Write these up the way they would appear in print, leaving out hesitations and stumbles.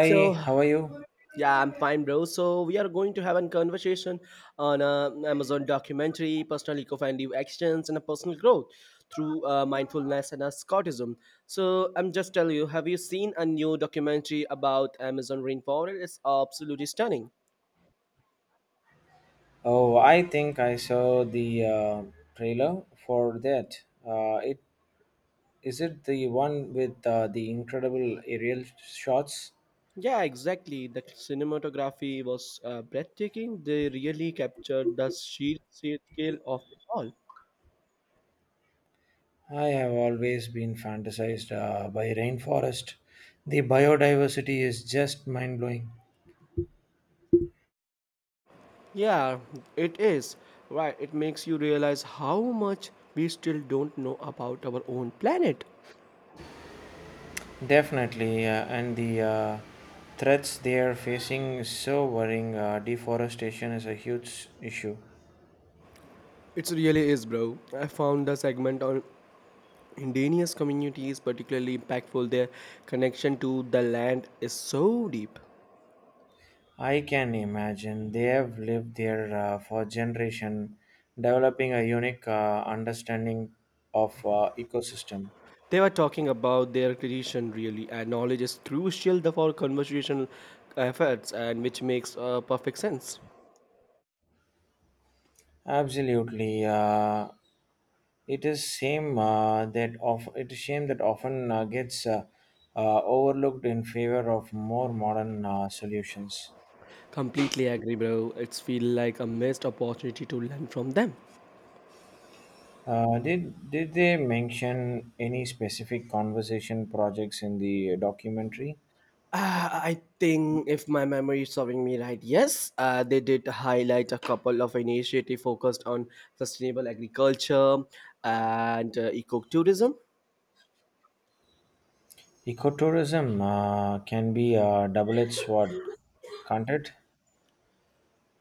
So how are you? yeah, I'm fine, bro. So we are going to have a conversation on Amazon documentary, personal eco-friendly actions, and a personal growth through mindfulness and a Scottism. So I'm just telling you, have you seen a new documentary about Amazon rainforest? It's absolutely stunning. Oh, I think I saw the trailer for that. It is it the one with the incredible aerial shots? Yeah, exactly. The cinematography was breathtaking. They really captured the sheer scale of it all. I have always been fantasized by rainforest. The biodiversity is just mind blowing. Yeah, it is. Right, it makes you realize how much we still don't know about our own planet. Definitely, and the threats they are facing is so worrying. Deforestation is a huge issue. It really is, bro. I found the segment on indigenous communities particularly impactful. Their connection to the land is so deep. I can imagine they have lived there for generation, developing a unique understanding of ecosystem. They were talking about their tradition, really, and knowledge is crucial for conversational efforts, and which makes perfect sense. Absolutely, it is shame that often gets overlooked in favor of more modern solutions. Completely agree, bro. It's feel like a missed opportunity to learn from them. Did they mention any specific conversation projects in the documentary? I think if my memory is serving me right, yes, they did highlight a couple of initiatives focused on sustainable agriculture and ecotourism. Ecotourism can be a double edged sword, can't it?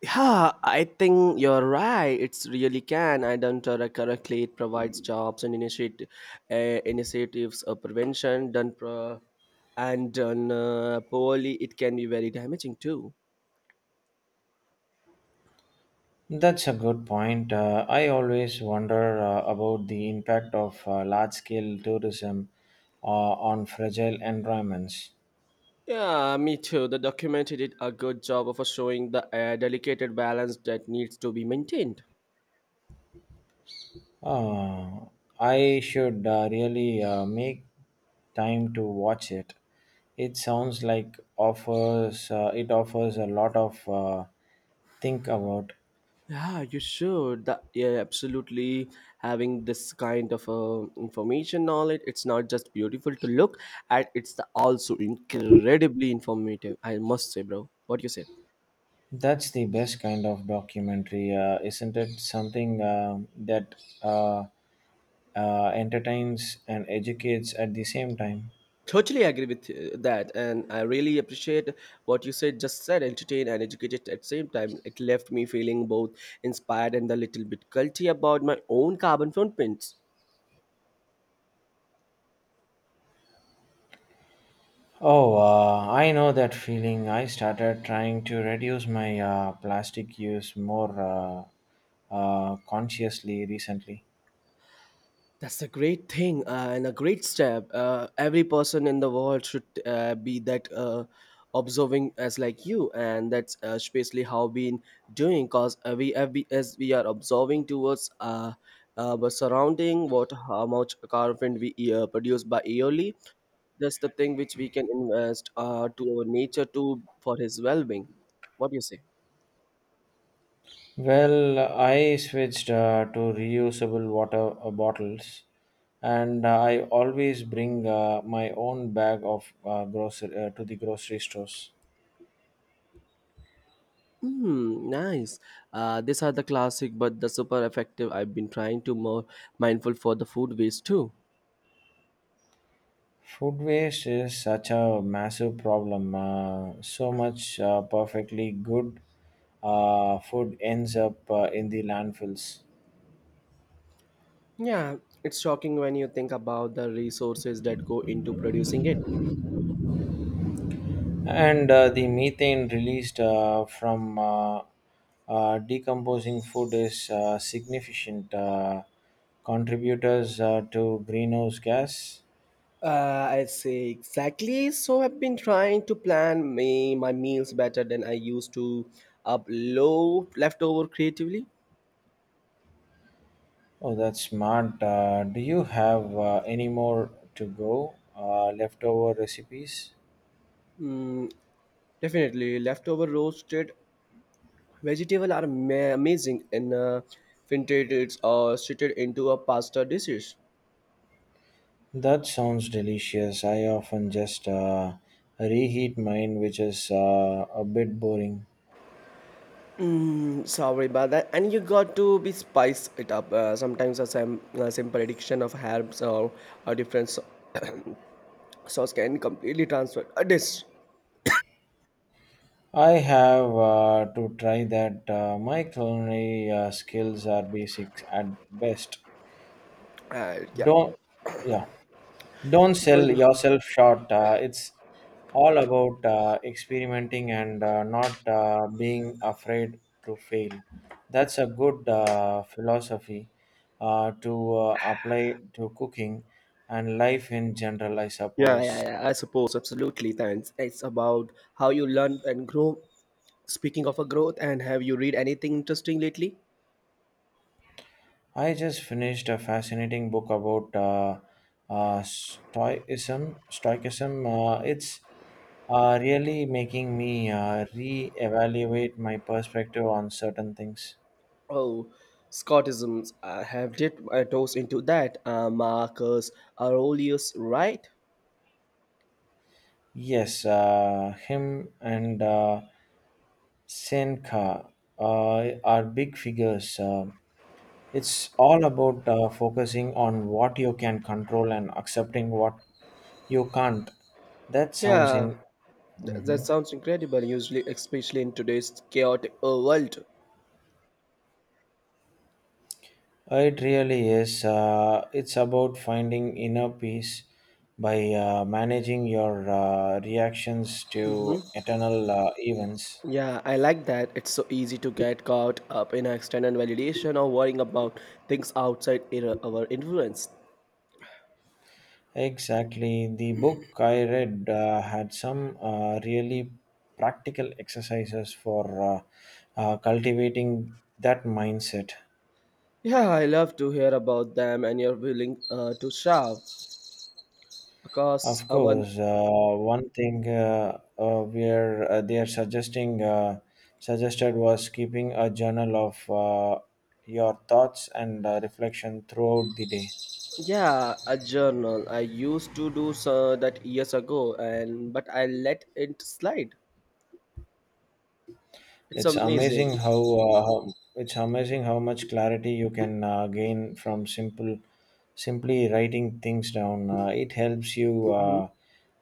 Yeah, I think you're right. It's really can. I don't correctly. It provides jobs and initiate uh, initiatives of prevention done pro- and done poorly. It can be very damaging too. That's a good point. I always wonder about the impact of large scale tourism on fragile environments. Yeah, me too. The documentary did a good job of showing the delicate balance that needs to be maintained. Uh, I should really make time to watch it. It sounds like offers it offers a lot of think about. Yeah, you should. The, yeah, absolutely. Having this kind of information knowledge, it's not just beautiful to look at, also incredibly informative. I must say, bro. What do you say? That's the best kind of documentary, isn't it? Something that uh, entertains and educates at the same time. Totally agree with that, and I really appreciate what you said. Just said, entertain and educated at the same time. It left me feeling both inspired and a little bit guilty about my own carbon footprints. Oh, I know that feeling. I started trying to reduce my plastic use more consciously recently. That's a great thing and a great step. Every person in the world should be that observing as like you, and that's especially how been doing. Cause we have be, as we are observing towards our surrounding, what how much carbon we produce by yearly. That's the thing which we can invest to our nature too for his well-being. What do you say? Well, I switched to reusable water bottles, and I always bring my own bag of grocery to the grocery stores. Hmm, nice. These are the classic, but the super effective. I've been trying to more mindful for the food waste too. Food waste is such a massive problem. So much perfectly good food ends up in the landfills. Yeah, it's shocking when you think about the resources that go into producing it. And the methane released from decomposing food is significant contributors to greenhouse gas. I say exactly. So I've been trying to plan me my meals better than I used to. Up low leftover creatively. Oh, that's smart. Do you have any more to go? Leftover recipes? Definitely, leftover roasted vegetable are amazing in vintage or shitted into a pasta dishes. That sounds delicious. I often just reheat mine, which is a bit boring. Mm, sorry about that. And you got to be spice it up. Sometimes a simple addiction of herbs or a different sauce can completely transfer a dish. I have to try that. My culinary skills are basic at best. Yeah. Don't, yeah, don't sell Don't- yourself short. It's all about experimenting and not being afraid to fail. That's a good philosophy to apply to cooking and life in general, I Yeah, yeah, suppose. yeah. I suppose absolutely. Thanks. It's about how you learn and grow. Speaking of a growth, and have you read anything interesting lately? I just finished a fascinating book about stoicism. Stoicism. It's really making me re-evaluate my perspective on certain things. Oh, Scottisms. I have dipped my toes into that. Marcus Aurelius, right? Yes, him and Seneca are big figures. It's all about focusing on what you can control and accepting what you can't. That sounds Yeah. in. That Mhm. sounds incredible, usually, especially in today's chaotic world. It really is. It's about finding inner peace by managing your reactions to Hmm. eternal events. Yeah, I like that. It's so easy to get caught up in external validation or worrying about things outside our influence. Exactly. The book I read had some really practical exercises for cultivating that mindset. Yeah, I love to hear about them and you're willing to share. Because Of I want, course, one thing where they are suggesting suggested was keeping a journal of your thoughts and reflection throughout the day. yeah, a journal. I used to do so that years ago, and but I let it slide. It's It's amazing. amazing how, uh, how it's amazing how much clarity you can gain from simple simply writing things down. It helps you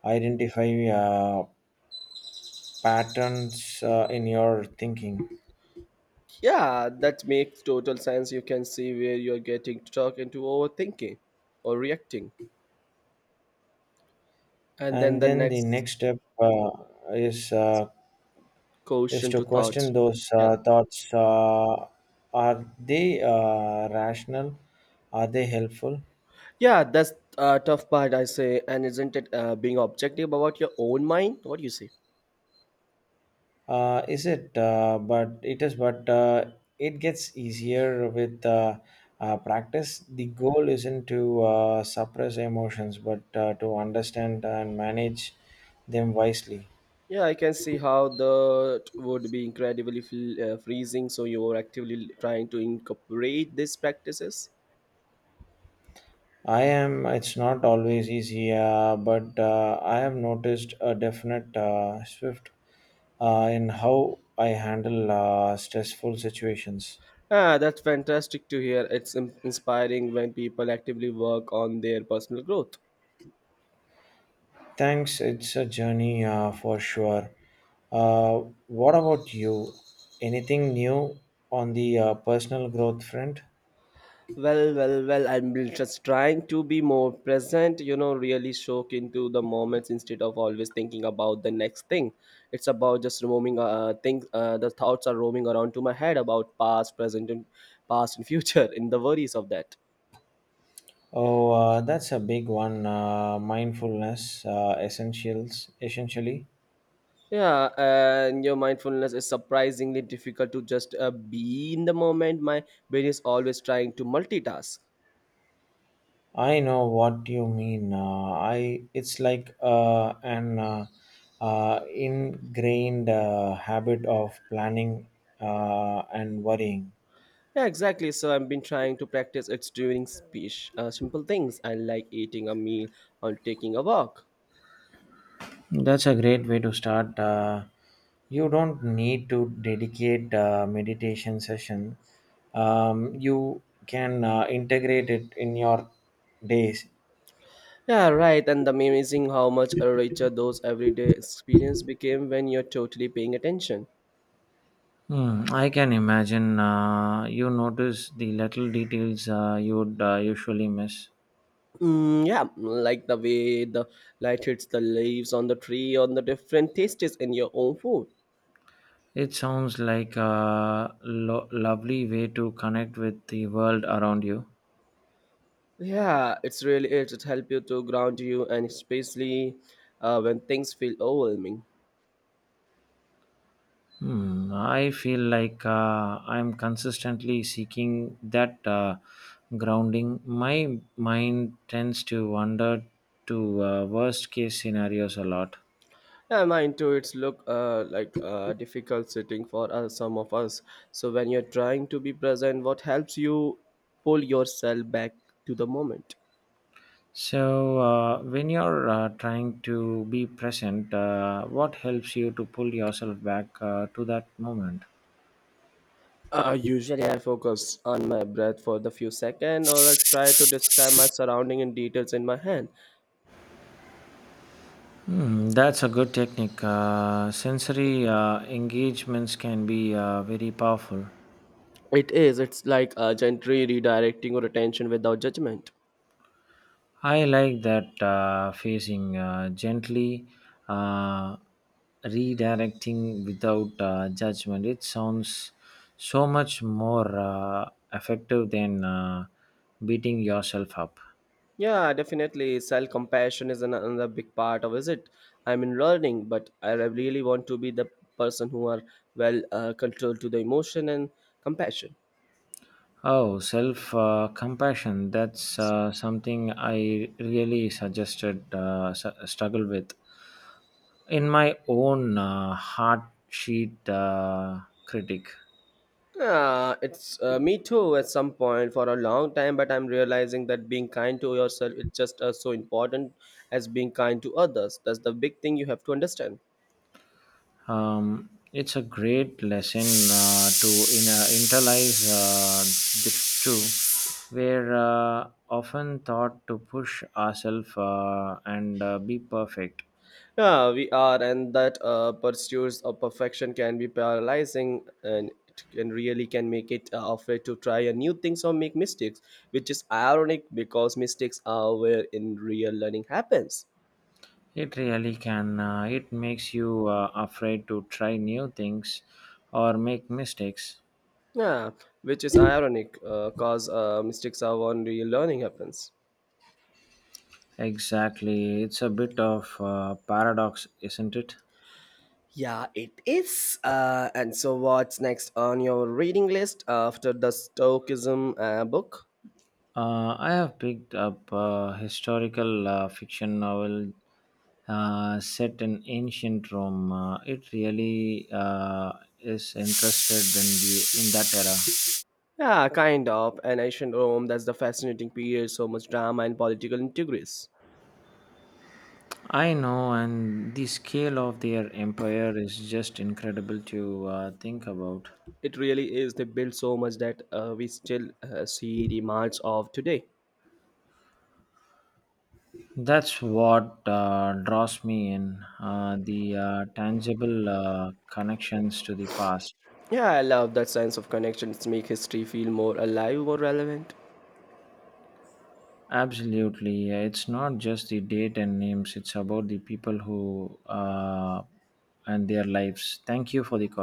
identify patterns in your thinking. Yeah, that makes total sense. You can see where you're getting stuck into overthinking or reacting. And then And the then the next next step is uh, is quotient to to thoughts. question those Yeah. Thoughts. Are they rational? Are they helpful? Yeah, that's a tough part, I say. And isn't it being objective about your own mind? What do you say? Is it? But it is. But It gets easier with practice. The goal isn't to suppress emotions, but to understand and manage them wisely. Yeah, I can see how that would be incredibly freezing. So you are actively trying to incorporate these practices. I am. It's not always easy, but I have noticed a definite shift in how I handle stressful situations. Ah, that's fantastic to hear. It's inspiring when people actively work on their personal growth. Thanks. It's a journey for sure. What about you? Anything new on the personal growth front? Well, well, well, I'm just trying to be more present, you know, really soak into the moments instead of always thinking about the next thing. It's about just roaming, things, the thoughts are roaming around to my head about past, present, and past and future in the worries of that. Oh, that's a big one. Mindfulness essentially. Yeah, and your mindfulness is surprisingly difficult to just be in the moment. My brain is always trying to multitask. I know what you mean. I it's like an ingrained habit of planning and worrying. Yeah, exactly. So I've been trying to practice it during speech, simple things I like eating a meal or taking a walk. That's a great way to start. You don't need to dedicate a meditation session. You can integrate it in your days. Yeah, right. And the amazing how much richer those everyday experience became when you're totally paying attention. Hmm, I can imagine you notice the little details you'd usually miss. Mm, yeah, like the way the light hits the leaves on the tree, on the different tastes in your own food. It sounds like a lovely way to connect with the world around you. Yeah, it's really it. It helps you to ground you, and especially when things feel overwhelming. Hmm, I feel like I'm consistently seeking that grounding. My mind tends to wander to worst case scenarios a lot. Yeah, mine too. It's look like difficult sitting for us, some of us. So when you're trying to be present, what helps you pull yourself back to the moment? So, when you're trying to be present, what helps you to pull yourself back to that moment? Usually I focus on my breath for the few seconds or I try to describe my surrounding in details in my hand. Hmm, that's a good technique. Sensory engagements can be very powerful. It is, it's like gently redirecting your attention without judgment. I like that phasing gently, uh, redirecting without judgment. It sounds so much more effective than beating yourself up. Yeah, definitely. Self compassion is another big part of is it. I'm in learning, but I really want to be the person who are well controlled to the emotion and compassion. Oh, self compassion. That's something I really struggle with. In my own heart sheet critic. Yeah, it's me too at some point for a long time, but I'm realizing that being kind to yourself is just as so important as being kind to others. That's the big thing you have to understand. It's a great lesson to internalize the two. We're often taught to push ourselves and be perfect. Yeah, we are, and that pursuits of perfection can be paralyzing, and it can really can make it afraid to try a new things or make mistakes, which is ironic because mistakes are where in real learning happens. It really can, it makes you afraid to try new things or make mistakes. Yeah, which is ironic, cause mistakes are when real learning happens. Exactly, it's a bit of paradox, isn't it? Yeah, it is. And so, what's next on your reading list after the Stoicism book? I have picked up a historical fiction novel set in ancient Rome. It really is interested in the in that era. Yeah, kind of. And ancient Rome, that's the fascinating period, so much drama and political intrigues. I know, and the scale of their empire is just incredible to think about. It really is. They built so much that we still see the marks of today. That's what draws me in the tangible connections to the past. Yeah, I love that sense of connections make history feel more alive, more relevant. Absolutely. It's not just the date and names, it's about the people who and their lives. Thank you for the call.